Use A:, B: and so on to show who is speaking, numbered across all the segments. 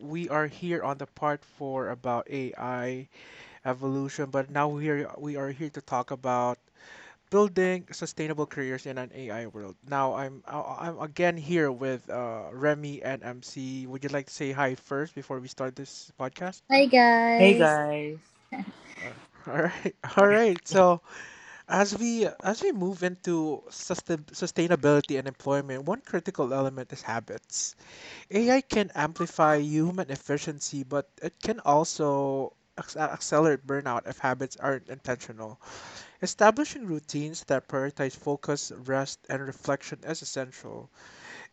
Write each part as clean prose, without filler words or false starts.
A: we are here on the part four about AI evolution, but now we are here to talk about building sustainable careers in an AI world. Now I'm again here with Remy and MC. Would you like to say hi first before we start this podcast?
B: Hi,
C: Hey
B: guys.
C: guys.
A: Or All right, all
C: Alright.
A: right. So as we move into sustainability and employment, one critical element is habits. AI can amplify human efficiency, but it can also accelerate burnout if habits aren't intentional. Establishing routines that prioritize focus, rest, and reflection is essential.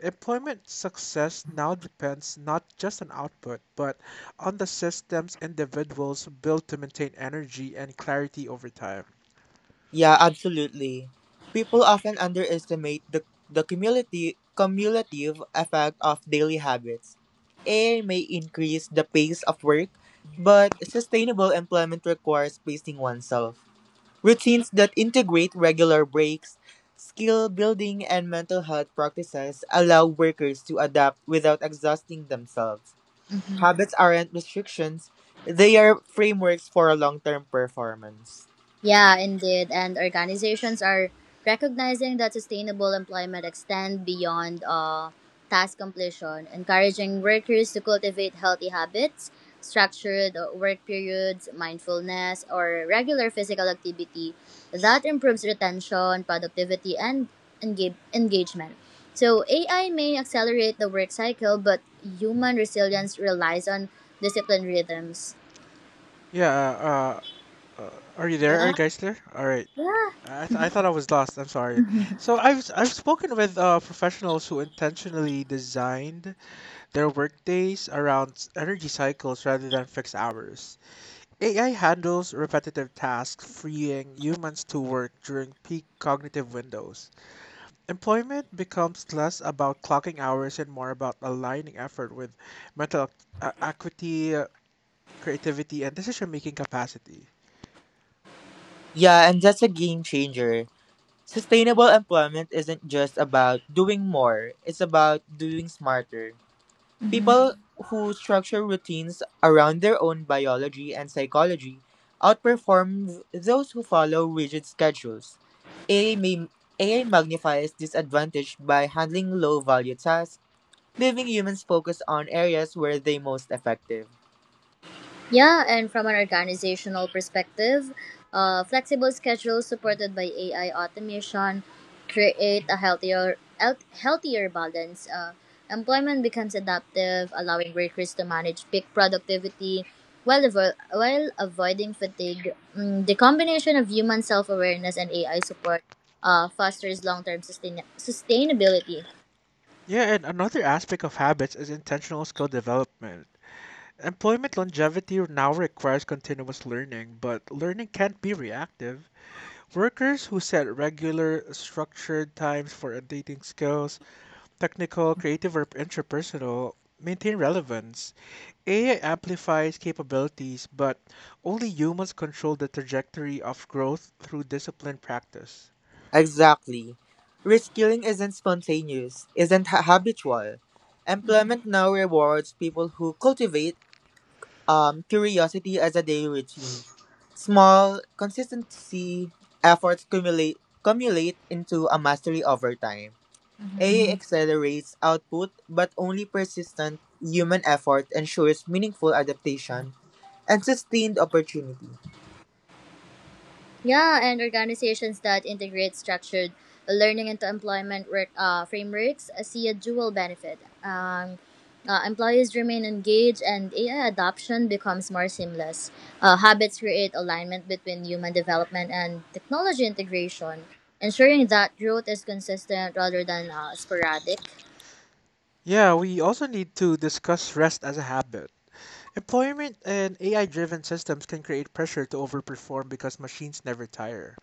A: Employment success now depends not just on output, but on the systems individuals build to maintain energy and clarity over time.
C: Yeah, absolutely. People often underestimate the cumulative effect of daily habits. AI may increase the pace of work, but sustainable employment requires pacing oneself. Routines that integrate regular breaks, skill building, and mental health practices allow workers to adapt without exhausting themselves.
B: Mhm.
C: Habits aren't restrictions, they are frameworks for long term performance.
B: Yeah, indeed. And organizations are recognizing that sustainable employment extend beyond task completion, encouraging workers to cultivate healthy habits, structured work periods, mindfulness, or regular physical activity that improves retention, productivity, and engagement. So, AI may accelerate the work cycle, but human resilience relies on disciplined rhythms.
A: Yeah, are you there? Are
B: Yeah.
A: you guys there? All right.
B: Yeah.
A: I thought I was lost. I'm sorry. So I've spoken with professionals who intentionally designed their workdays around energy cycles rather than fixed hours. AI handles repetitive tasks, freeing humans to work during peak cognitive windows. Employment becomes less about clocking hours and more about aligning effort with mental acuity, creativity, and decision-making capacity.
C: Yeah, and that's a game changer. Sustainable employment isn't just about doing more, it's about doing smarter.
B: hmm
C: People who structure routines around their own biology and psychology outperform those who follow rigid schedules. AI, may, AI magnifies disadvantage by handling low value tasks, leaving humans focused on areas where they most effective.
B: Yeah, and from an organizational perspective, flexible schedules supported by AI automation create a healthier balance. Employment becomes adaptive, allowing workers to manage peak productivity while, while avoiding fatigue. The combination of human self awareness and AI support fosters long term sustainability.
A: Yeah, and another aspect of habits is intentional skill development. Employment longevity now requires continuous learning, but learning can't be reactive. Workers who set regular, structured times for updating skills, technical, creative, or interpersonal, maintain relevance. AI amplifies capabilities, but only humans control the trajectory of growth through disciplined practice.
C: Exactly. Reskilling isn't spontaneous, isn't ha- habitual. Employment now rewards people who cultivate curiosity as a daily routine. Small, consistency efforts cumulate into a mastery over time. AI, mhm, accelerates output, but only persistent human effort ensures meaningful adaptation and sustained opportunity.
B: Yeah, and organizations that integrate structured learning into employment work, frameworks see a dual benefit. Um, employees remain engaged and AI adoption becomes more seamless. Habits create alignment between human development and technology integration, ensuring that growth is consistent rather than sporadic.
A: Yeah, we also need to discuss rest as a habit. Employment and AI driven systems can create pressure to overperform because machines never tire.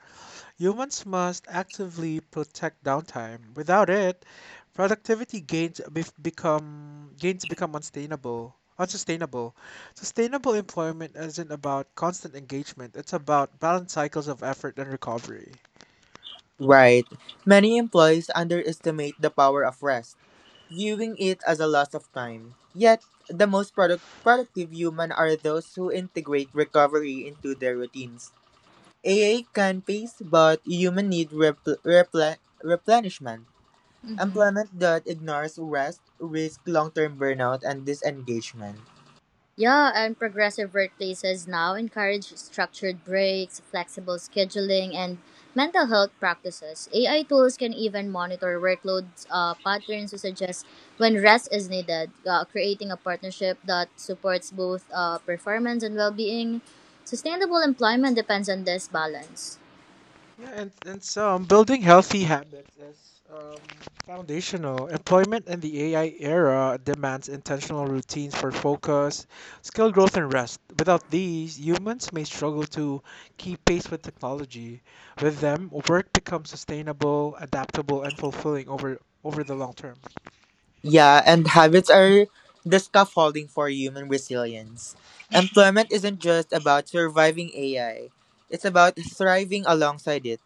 A: Humans must actively protect downtime. Without it, productivity gains become unsustainable. Unsustainable. Sustainable employment isn't about constant engagement. It's about balanced cycles of effort and recovery.
C: Right. Many employees underestimate the power of rest, viewing it as a loss of time. Yet, the productive human are those who integrate recovery into their routines. A can pace, but human need replenishment. Employment that ignores rest risks long-term burnout and disengagement.
B: Yeah, and progressive workplaces now encourage structured breaks, flexible scheduling, and mental health practices. AI tools can even monitor workload patterns to suggest when rest is needed, creating a partnership that supports both performance and well being. Sustainable employment depends on this balance.
A: Yeah, and some building healthy habits is foundational. Employment in the AI era demands intentional routines for focus, skill growth, and rest. Without these, humans may struggle to keep pace with technology. With them, work becomes sustainable, adaptable, and fulfilling over the long term.
C: Yeah, and habits are the scaffolding for human resilience. Employment isn't just about surviving AI, it's about thriving alongside it.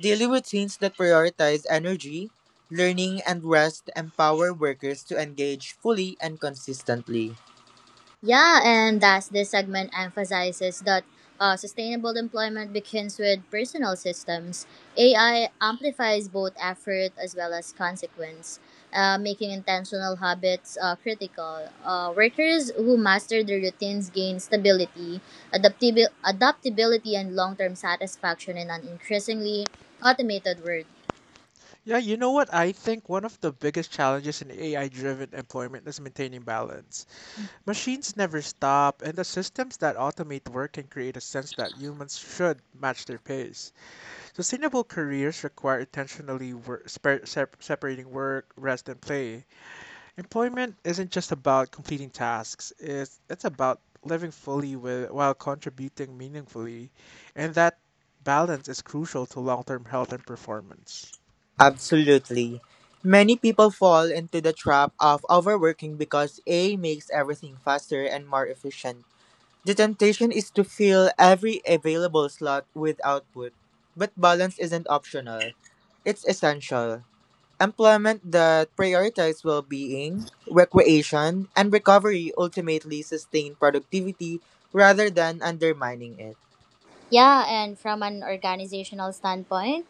C: Daily routines that prioritize energy, learning, and rest empower workers to engage fully and consistently.
B: Yeah, and thus this segment emphasizes that sustainable employment begins with personal systems. AI amplifies both effort as well as consequence, making intentional habits critical. Workers who master their routines gain stability, adaptability, and long term satisfaction in an increasingly automated world.
A: Yeah, you know what? I think one of the biggest challenges in AI driven employment is maintaining balance. Machines never stop, and the systems that automate work can create a sense that humans should match their pace. Sustainable careers require intentionally separating work, rest, and play. Employment isn't just about completing tasks; it's about living fully with while contributing meaningfully, and that balance is crucial to long-term health and performance.
C: Absolutely. Many people fall into the trap of overworking because A makes everything faster and more efficient. The temptation is to fill every available slot with output, but balance isn't optional. It's essential. Employment that prioritizes well being, recreation, and recovery ultimately sustain productivity rather than undermining it.
B: Yeah, and from an organizational standpoint,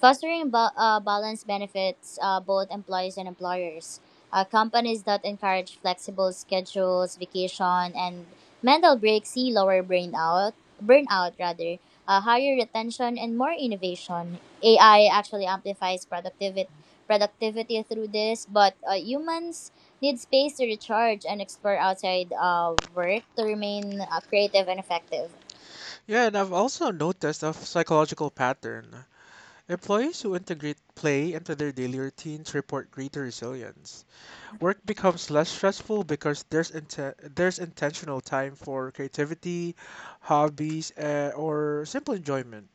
B: fostering balance benefits both employees and employers. Companies that encourage flexible schedules, vacation, and mental breaks see lower burnout, burnout rather, higher retention, and more innovation. AI actually amplifies productivity through this, but humans need space to recharge and explore outside work to remain creative and effective.
A: Yeah, and I've also noticed a psychological pattern. Employees who integrate play into their daily routines report greater resilience. Work becomes less stressful because there's there's intentional time for creativity, hobbies, or simple enjoyment.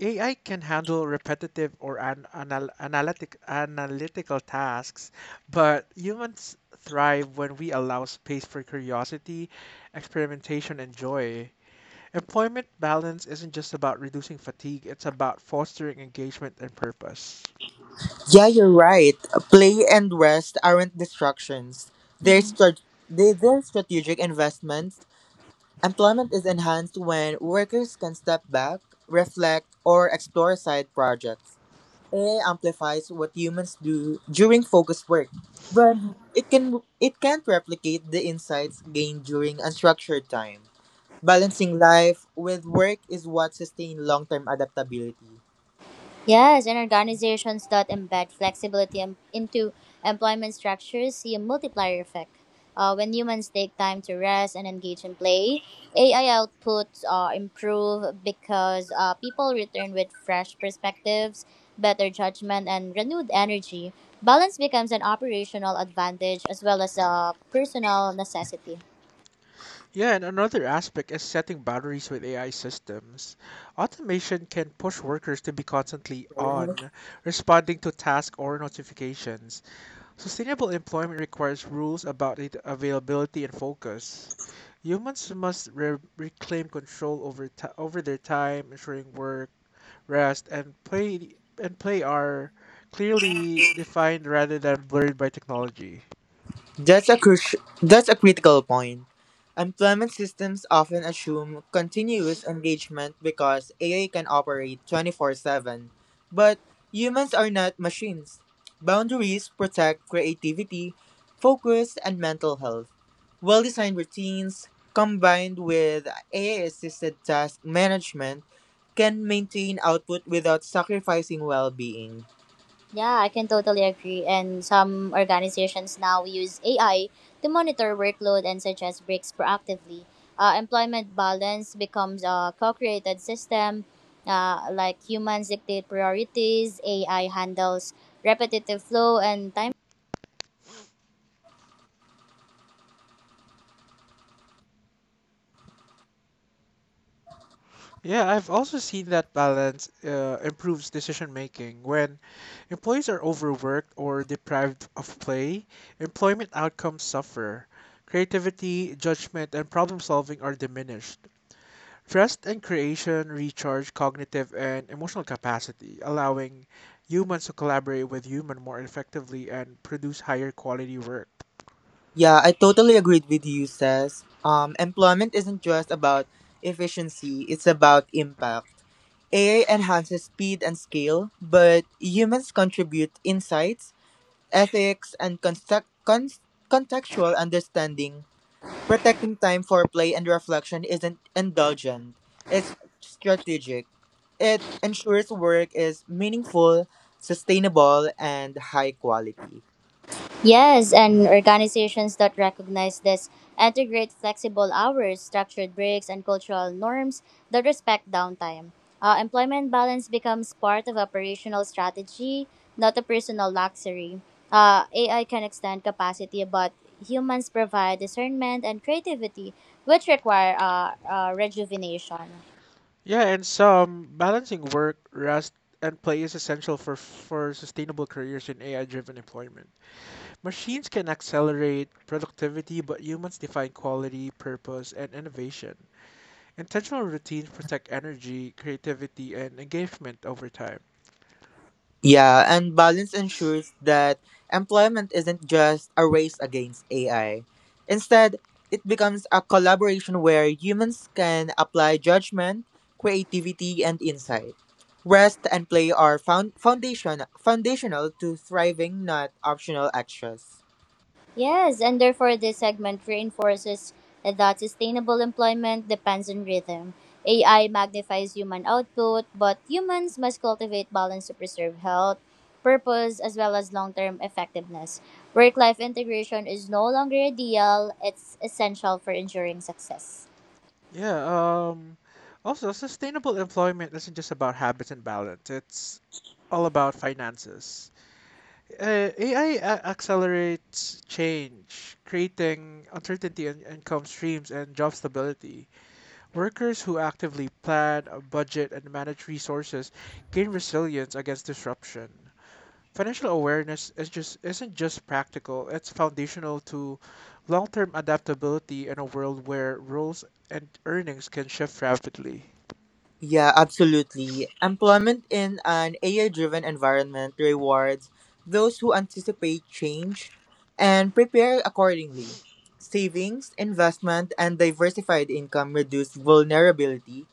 A: AI can handle repetitive or analytical tasks, but humans thrive when we allow space for curiosity, experimentation, and joy. Employment balance isn't just about reducing fatigue, it's about fostering engagement and purpose.
C: Yeah, you're right. Play and rest aren't distractions, they're strategic investments. Employment is enhanced when workers can step back, reflect, or explore side projects. AI amplifies what humans do during focused work, but it can't replicate the insights gained during unstructured time. Balancing life with work is what sustains long-term adaptability.
B: Yes, and organizations that embed flexibility into employment structures see a multiplier effect. When humans take time to rest and engage in play, AI outputs improve because people return with fresh perspectives, better judgment, and renewed energy. Balance becomes an operational advantage as well as a personal necessity.
A: Yeah, and another aspect is setting boundaries with AI systems. Automation can push workers to be constantly on, responding to tasks or notifications. Sustainable employment requires rules about it availability and focus. Humans must reclaim control over, ti over their time, ensuring work rest, and play are clearly defined rather than blurred by technology.
C: That's a critical point. Employment systems often assume continuous engagement because AI can operate 24/7, but humans are not machines. Boundaries protect creativity, focus, and mental health. Well-designed routines combined with AI-assisted task management can maintain output without sacrificing well-being.
B: Yeah, I can totally agree. And some organizations now use AI to monitor workload and suggest breaks proactively. Employment balance becomes a co created system, like humans dictate priorities, AI handles repetitive flow and time.
A: Yeah, I've also seen that balance improves decision making. When employees are overworked or deprived of play, employment outcomes suffer. Creativity, judgment, and problem solving are diminished. Rest and creation recharge cognitive and emotional capacity, allowing humans to collaborate with humans more effectively and produce higher quality work.
C: Yeah, I totally agreed with you, Says. Employment isn't just about efficiency, it's about impact. AI enhances speed and scale, but humans contribute insights, ethics, and contextual understanding. Protecting time for play and reflection isn't indulgent, it's strategic. It ensures work is meaningful, sustainable, and high quality.
D: Yes, and organizations that recognize this integrate flexible hours, structured breaks, and cultural norms that respect downtime. Employment balance becomes part of operational strategy, not a personal luxury. AI can extend capacity, but humans provide discernment and creativity, which require rejuvenation.
A: Yeah, and some balancing work, rest, and play is essential for sustainable careers in AI-driven employment. Machines can accelerate productivity, but humans define quality, purpose, and innovation. Intentional routines protect energy, creativity, and engagement over time.
C: Yeah, and balance ensures that employment isn't just a race against AI. Instead, it becomes a collaboration where humans can apply judgment, creativity, and insight. Rest and play are foundational to thriving, not optional extras.
D: Yes, and therefore this segment reinforces that sustainable employment depends on rhythm. AI magnifies human output, but humans must cultivate balance to preserve health, purpose, as well as long term effectiveness. Work life integration is no longer ideal, it's essential for ensuring success.
A: Yeah, also sustainable employment isn't just about habits and balance. It's all about finances. AI accelerates change, creating uncertainty in income streams and job stability. Workers who actively plan, budget, and manage resources gain resilience against disruption. Financial awareness is just isn't just practical; it's foundational to long-term adaptability in a world where roles and earnings can shift rapidly.
C: Yeah, absolutely. Employment in an AI driven environment rewards those who anticipate change and prepare accordingly. Savings, investment, and diversified income reduce vulnerability.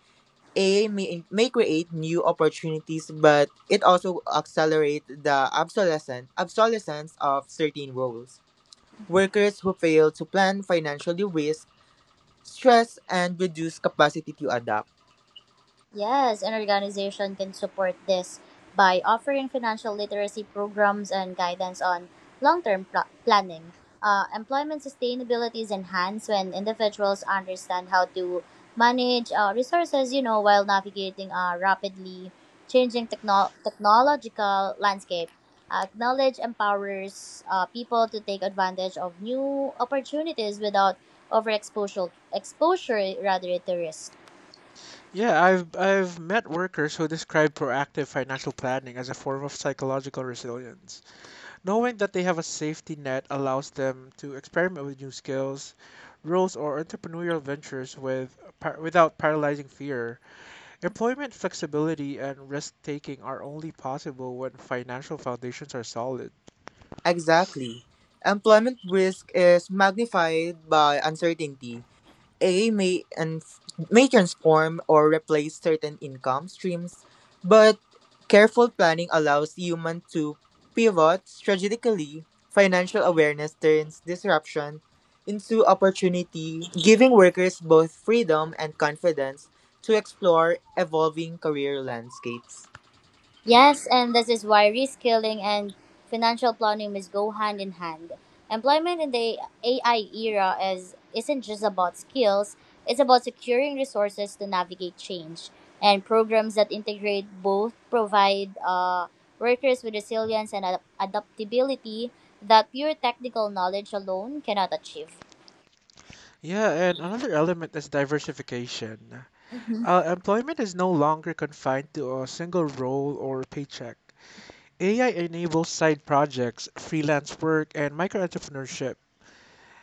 C: AI may create new opportunities, but it also accelerates the obsolescence of certain roles. Workers who fail to plan financially risk stress and reduce capacity to adapt.
D: Yes, an organization can support this by offering financial literacy programs and guidance on long term planning. Employment sustainability is enhanced when individuals understand how to manage resources, you know, while navigating a rapidly changing technological landscape. Knowledge empowers people to take advantage of new opportunities without overexposure exposure rather to risk.
A: Yeah, I've met workers who describe proactive financial planning as a form of psychological resilience. Knowing that they have a safety net allows them to experiment with new skills, roles, or entrepreneurial ventures without paralyzing fear. Employment flexibility and risk taking are only possible when financial foundations are solid.
C: Exactly. Employment risk is magnified by uncertainty. A may transform or replace certain income streams, but careful planning allows human to pivot strategically. Financial awareness turns disruption into opportunity, giving workers both freedom and confidence to explore evolving career landscapes.
D: Yes, and this is why reskilling and financial planning must go hand in hand. Employment in the AI era is isn't just about skills, it's about securing resources to navigate change. And programs that integrate both provide workers with resilience and adaptability that pure technical knowledge alone cannot achieve.
A: Yeah, and another element is diversification. Employment is no longer confined to a single role or paycheck. AI enables side projects, freelance work, and micro entrepreneurship.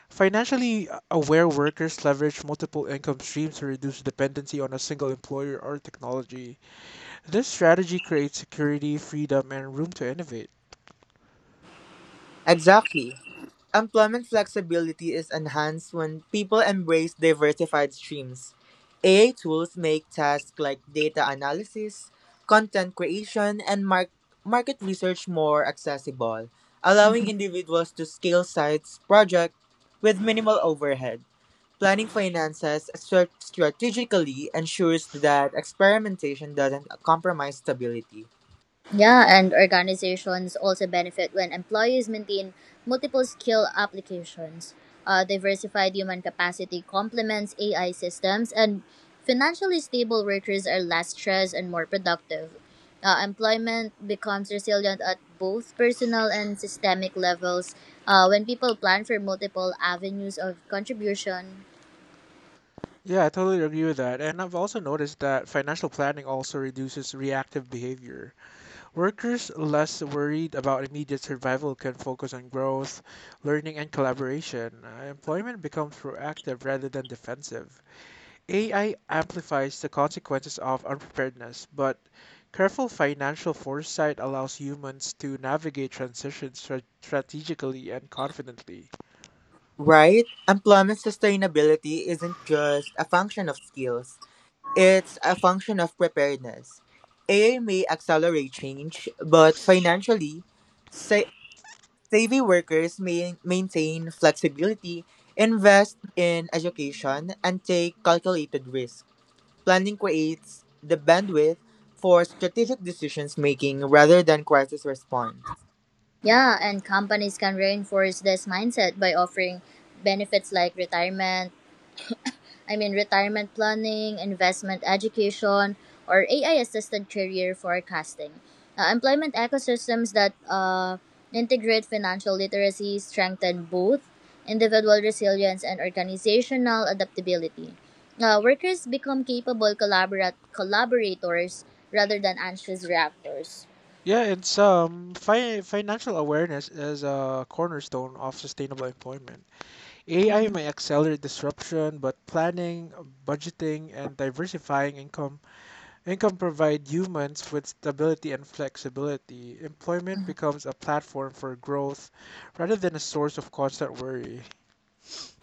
A: Financially aware workers leverage multiple income streams to reduce dependency on a single employer or technology. This strategy creates security, freedom, and room to innovate.
C: Exactly. Employment flexibility is enhanced when people embrace diversified streams. AI tools make tasks like data analysis, content creation, and market research more accessible, allowing individuals to scale sites projects with minimal overhead. Planning finances strategically ensures that experimentation doesn't compromise stability.
D: Yeah, and organizations also benefit when employees maintain multiple skill applications. Diversified human capacity complements AI systems, and financially stable workers are less stressed and more productive. Employment becomes resilient at both personal and systemic levels when people plan for multiple avenues of contribution.
A: Yeah, I totally agree with that. And I've also noticed that financial planning also reduces reactive behavior. Workers less worried about immediate survival can focus on growth, learning, and collaboration. Employment becomes proactive rather than defensive. AI amplifies the consequences of unpreparedness, but careful financial foresight allows humans to navigate transitions strategically and confidently.
C: Right? Employment sustainability isn't just a function of skills. It's a function of preparedness. AI may accelerate change, but financially, sa- savvy workers may maintain flexibility, invest in education, and take calculated risk. Planning creates the bandwidth for strategic decisions making rather than crisis response.
D: Yeah, and companies can reinforce this mindset by offering benefits like retirement planning, investment education, or AI assisted career forecasting. Employment ecosystems that integrate financial literacy strengthen both individual resilience and organizational adaptability. Workers become capable collaborators rather than anxious reactors.
A: Yeah, in sum, financial awareness is a cornerstone of sustainable employment. AI may accelerate disruption, but planning, budgeting, and diversifying income provides humans with stability and flexibility. Employment becomes a platform for growth rather than a source of constant worry.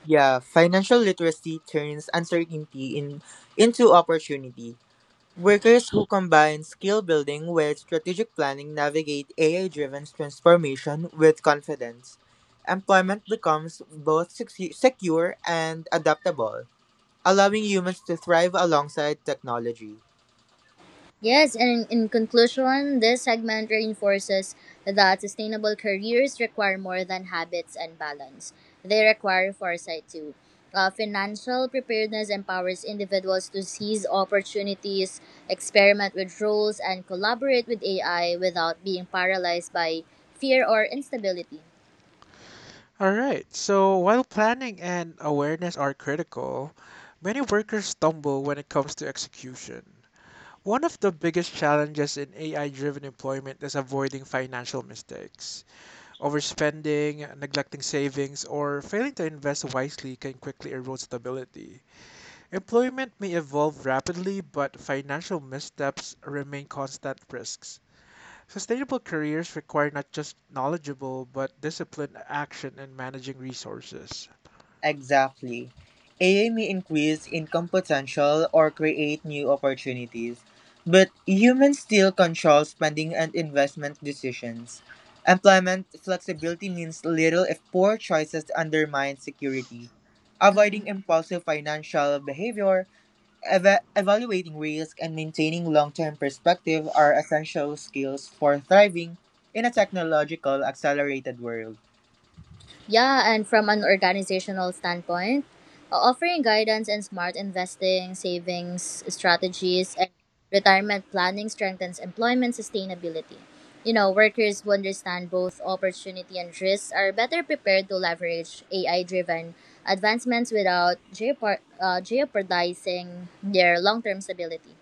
C: Yeah, financial literacy turns uncertainty into opportunity. Workers who combine skill building with strategic planning navigate AI driven transformation with confidence. Employment becomes both secure and adaptable, allowing humans to thrive alongside technology.
D: Yes, and in conclusion, this segment reinforces that sustainable careers require more than habits and balance. They require foresight too. Financial preparedness empowers individuals to seize opportunities, experiment with roles, and collaborate with AI without being paralyzed by fear or instability.
A: All right, so while planning and awareness are critical, many workers stumble when it comes to execution. One of the biggest challenges in AI driven employment is avoiding financial mistakes. Overspending, neglecting savings, or failing to invest wisely can quickly erode stability. Employment may evolve rapidly, but financial missteps remain constant risks. Sustainable careers require not just knowledgeable, but disciplined action in managing resources.
C: Exactly. AI may increase income potential or create new opportunities, but humans still control spending and investment decisions. Employment flexibility means little if poor choices undermine security.
D: Mhm.
C: Avoiding impulsive financial behavior, evaluating risk, and maintaining long term perspective are essential skills for thriving in a technological accelerated world.
D: Yeah, and from an organizational standpoint, offering guidance and smart investing, savings strategies, and retirement planning strengthens employment sustainability. You know, workers who understand both opportunity and risks are better prepared to leverage AI driven advancements without jeopardizing their long term stability.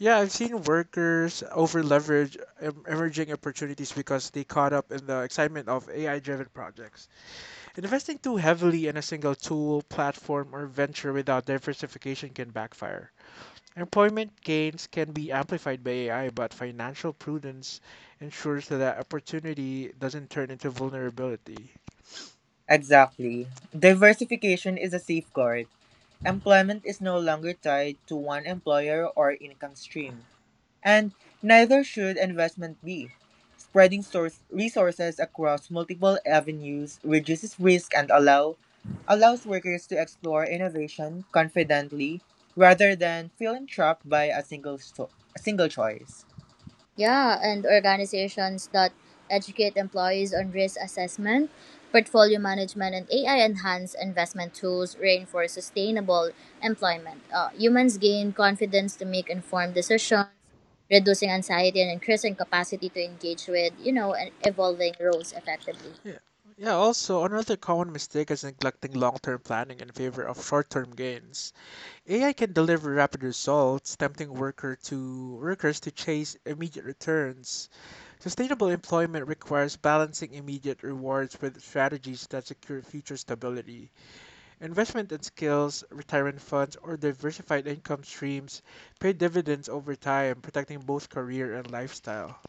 A: Yeah, I've seen workers overleverage emerging opportunities because they caught up in the excitement of AI-driven projects. Investing too heavily in a single tool, platform, or venture without diversification can backfire. Employment gains can be amplified by AI, but financial prudence ensures that opportunity doesn't turn into vulnerability.
C: Exactly. Diversification is a safeguard. Employment is no longer tied to one employer or income stream, and neither should investment be. Spreading source resources across multiple avenues reduces risk and allows workers to explore innovation confidently rather than feeling trapped by a single choice.
D: Yeah, and organizations that educate employees on risk assessment, portfolio management, and AI enhanced investment tools reinforce sustainable employment. Humans gain confidence to make informed decisions, reducing anxiety and increasing capacity to engage with, you know, and evolving roles effectively.
A: Yeah. Yeah, also, another common mistake is neglecting long term planning in favor of short term gains. AI can deliver rapid results, tempting workers to chase immediate returns. Sustainable employment requires balancing immediate rewards with strategies that secure future stability. Investment in skills, retirement funds, or diversified income streams pay dividends over time, protecting both career and lifestyle.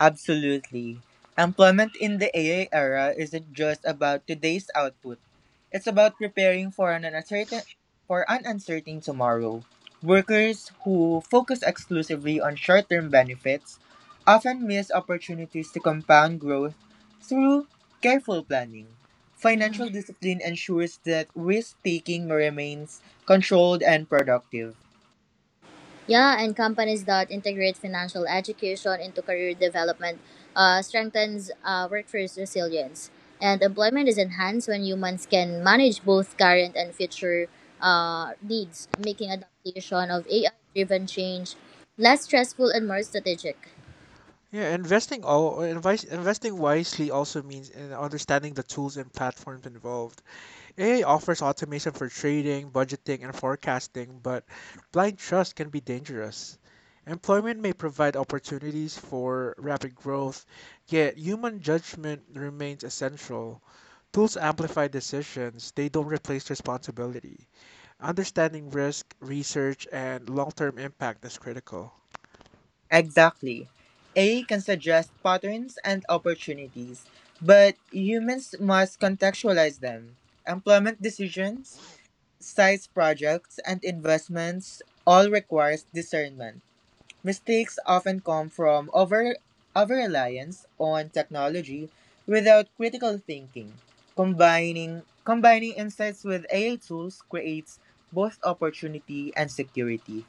C: Absolutely. Employment in the AI era isn't just about today's output. It's about preparing for an uncertain tomorrow. Workers who focus exclusively on short-term benefits often miss opportunities to compound growth through careful planning.
D: Mhm.
C: Financial discipline ensures that risk-taking remains controlled and productive.
D: Yeah, and companies that integrate financial education into career development strengthens workforce resilience. And employment is enhanced when humans can manage both current and future needs, making adaptation of AI driven change less stressful and more strategic.
A: Yeah, investing wisely also means in understanding the tools and platforms involved. AI offers automation for trading, budgeting, and forecasting, but blind trust can be dangerous. Employment may provide opportunities for rapid growth, yet human judgment remains essential. Tools amplify decisions, they don't replace responsibility. Understanding risk, research, and long term impact is critical.
C: Exactly. AI can suggest patterns and opportunities, but humans must contextualize them. Employment decisions, size projects, and investments all requires discernment. Mistakes often come from over reliance on technology without critical thinking. Combining insights with AI tools creates both opportunity and security.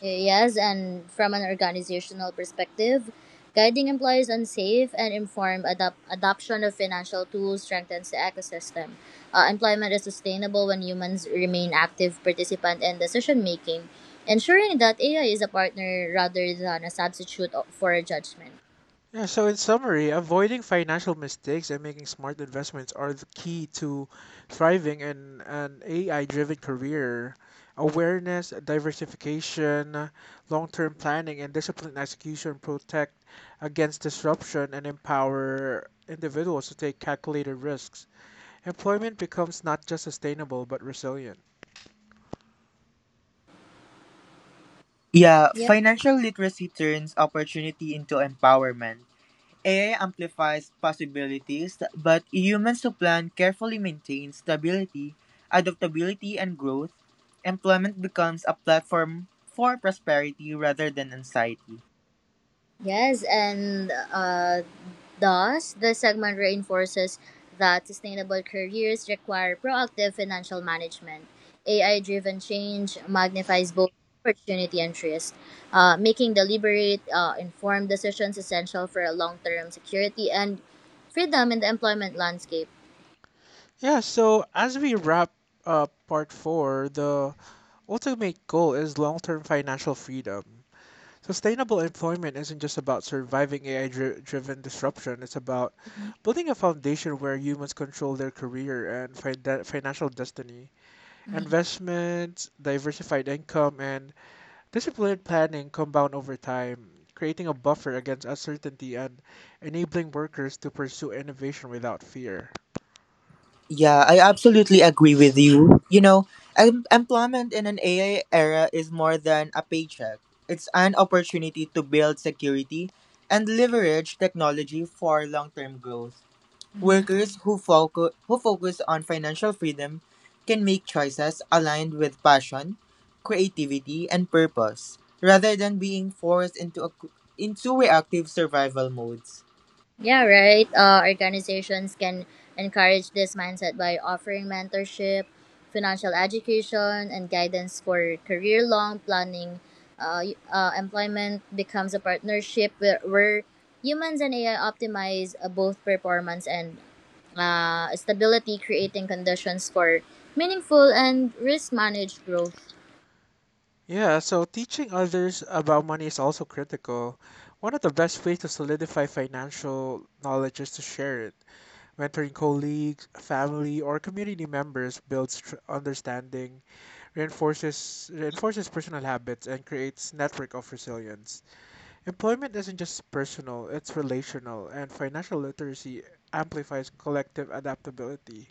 D: Yes, and from an organizational perspective, guiding employees on safe and informed adoption of financial tools strengthens the ecosystem. Employment is sustainable when humans remain active participant in decision making, ensuring that AI is a partner rather than a substitute for a judgment.
A: Yeah, so in summary, avoiding financial mistakes and making smart investments are the key to thriving in an AI driven career. Awareness, diversification, long term planning, and disciplined execution protect against disruption and empower individuals to take calculated risks. Employment becomes not just sustainable but resilient.
E: Yeah, financial literacy turns opportunity into empowerment. AI amplifies possibilities, but humans who plan carefully maintain stability, adaptability, and growth. Employment becomes a platform for prosperity rather than anxiety.
D: Yes, and thus the segment reinforces that sustainable careers require proactive financial management. AI driven change magnifies both opportunity and risk, making deliberate, informed decisions essential for long term security and freedom in the employment landscape.
A: Yeah, so as we wrap up part four, the ultimate goal is long term financial freedom. Sustainable employment isn't just about surviving AI driven disruption, it's about building a foundation where humans control their career and financial destiny. Investments, diversified income, and disciplined planning compound over time, creating a buffer against uncertainty and enabling workers to pursue innovation without fear.
E: Yeah, I absolutely agree with you. Employment in an AI era is more than a paycheck. It's an opportunity to build security and leverage technology for long-term growth.
D: Mhm.
E: Workers who focus on financial freedom can make choices aligned with passion, creativity, and purpose, rather than being forced into reactive survival modes.
D: Yeah, right. Organizations can encourage this mindset by offering mentorship, financial education, and guidance for career long planning. Employment becomes a partnership where humans and AI optimize both performance and stability, creating conditions for meaningful and risk managed growth.
A: Yeah, so teaching others about money is also critical. One of the best ways to solidify financial knowledge is to share it. Mentoring colleagues, family, or community members builds understanding, reinforces personal habits, and creates network of resilience. Employment isn't just personal; it's relational, and financial literacy amplifies collective adaptability.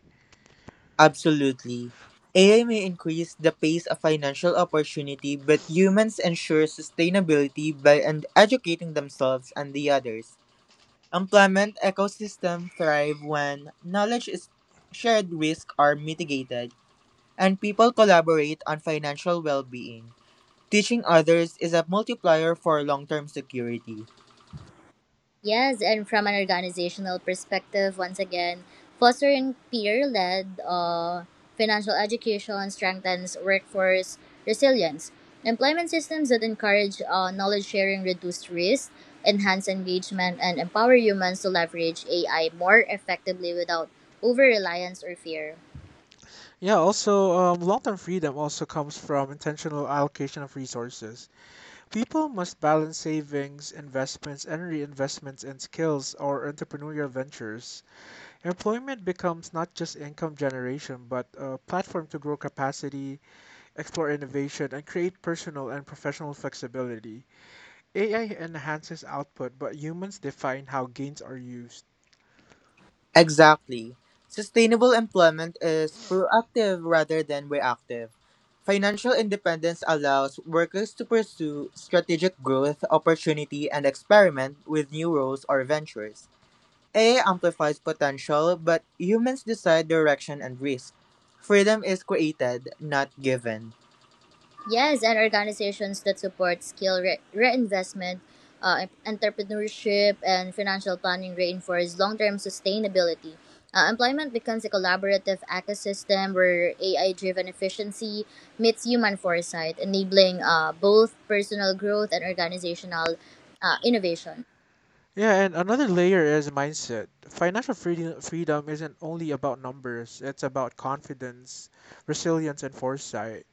E: Absolutely. AI may increase the pace of financial opportunity, but humans ensure sustainability by educating themselves and the others. Employment ecosystems thrive when knowledge is shared, risk are mitigated, and people collaborate on financial well-being. Teaching others is a multiplier for long-term security.
D: Yes, and from an organizational perspective, once again, fostering peer led financial education strengthens workforce resilience. Employment systems that encourage knowledge sharing reduce risk, enhance engagement, and empower humans to leverage AI more effectively without over reliance or fear.
A: Yeah, also, long-term freedom also comes from intentional allocation of resources. People must balance savings, investments, and reinvestments in skills or entrepreneurial ventures. Employment becomes not just income generation, but a platform to grow capacity, explore innovation, and create personal and professional flexibility. AI enhances output, but humans define how gains are used.
E: Exactly. Sustainable employment is proactive rather than reactive. Financial independence allows workers to pursue strategic growth, opportunity, and experiment with new roles or ventures. AI amplifies potential, but humans decide direction and risk. Freedom is created, not given.
D: Yes, and organizations that support skill reinvestment, entrepreneurship, and financial planning reinforce long term sustainability. Employment becomes a collaborative ecosystem where AI driven efficiency meets human foresight, enabling both personal growth and organizational innovation.
A: Yeah, and another layer is mindset. Financial freedom isn't only about numbers, it's about confidence, resilience, and foresight.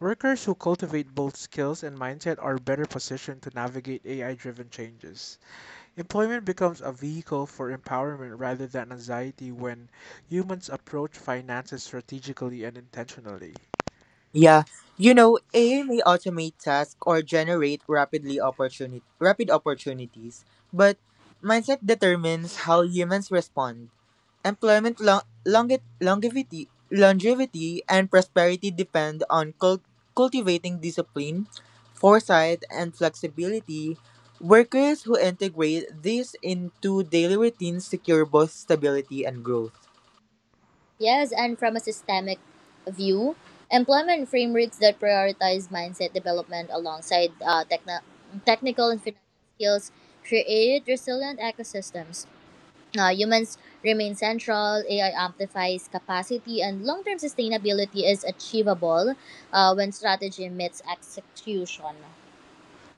A: Workers who cultivate both skills and mindset are better positioned to navigate AI driven changes. Employment becomes a vehicle for empowerment rather than anxiety when humans approach finances strategically and intentionally.
E: Yeah, AI may automate tasks or generate rapid opportunities, but mindset determines how humans respond. Employment longevity and prosperity depend on cultivating discipline, foresight, and flexibility. Workers who integrate these into daily routines secure both stability and growth.
D: Yes, and from a systemic view, employment frameworks that prioritize mindset development alongside technical and financial skills create resilient ecosystems. Humans remain central, AI amplifies capacity, and long term sustainability is achievable when strategy meets execution.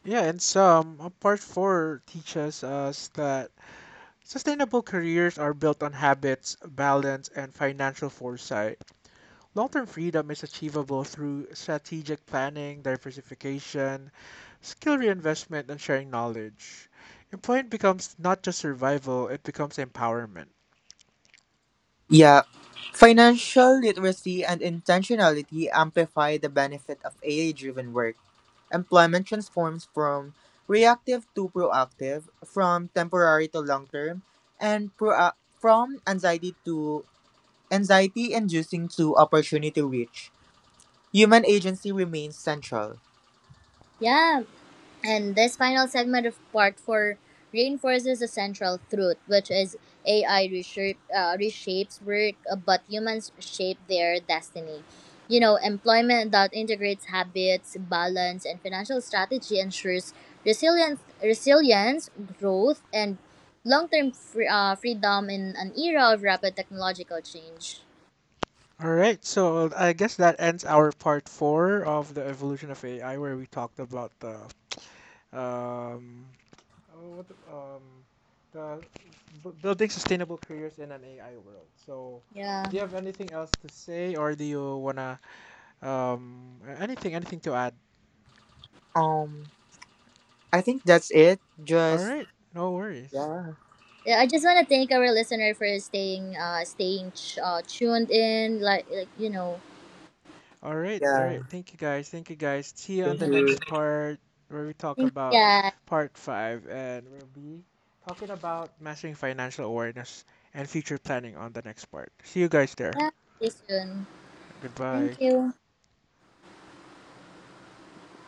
A: Yeah, and some, part four teaches us that sustainable careers are built on habits, balance, and financial foresight. Long term freedom is achievable through strategic planning, diversification, Skill reinvestment and sharing knowledge. Employment becomes not just survival, it becomes empowerment.
E: Yeah. Financial literacy and intentionality amplify the benefit of AI driven work. Employment transforms from reactive to proactive, from temporary to long term, and pro- from anxiety to anxiety inducing to opportunity rich. Human agency remains central.
D: Yeah, and this final segment of part four reinforces a central truth, which is reshapes work, but humans shape their destiny. You know, employment that integrates habits, balance, and financial strategy ensures resilience, resilience growth, and long term freedom in an era of rapid technological change.
A: All right, so I guess that ends our part four of the evolution of AI, where we talked about the um, what the b- building sustainable careers in an AI world. So,
D: Yeah.
A: do you have anything else to say, or do you wanna anything to add?
E: Um I think that's it.
A: All
E: Just
A: right, no worries.
E: yeah,
D: Yeah, I just want to thank our listener for staying tuned in you know.
A: All right, all right.
E: yeah.
A: Thank you guys. Thank you guys. See you on
E: Thank
A: the next
E: you.
A: part where we talk
D: Thank you
A: about
D: guys.
A: part five and we'll be talking about mastering financial awareness and future planning on the next part. See you guys there.
D: Yeah, see you soon.
A: Goodbye.
D: Thank you.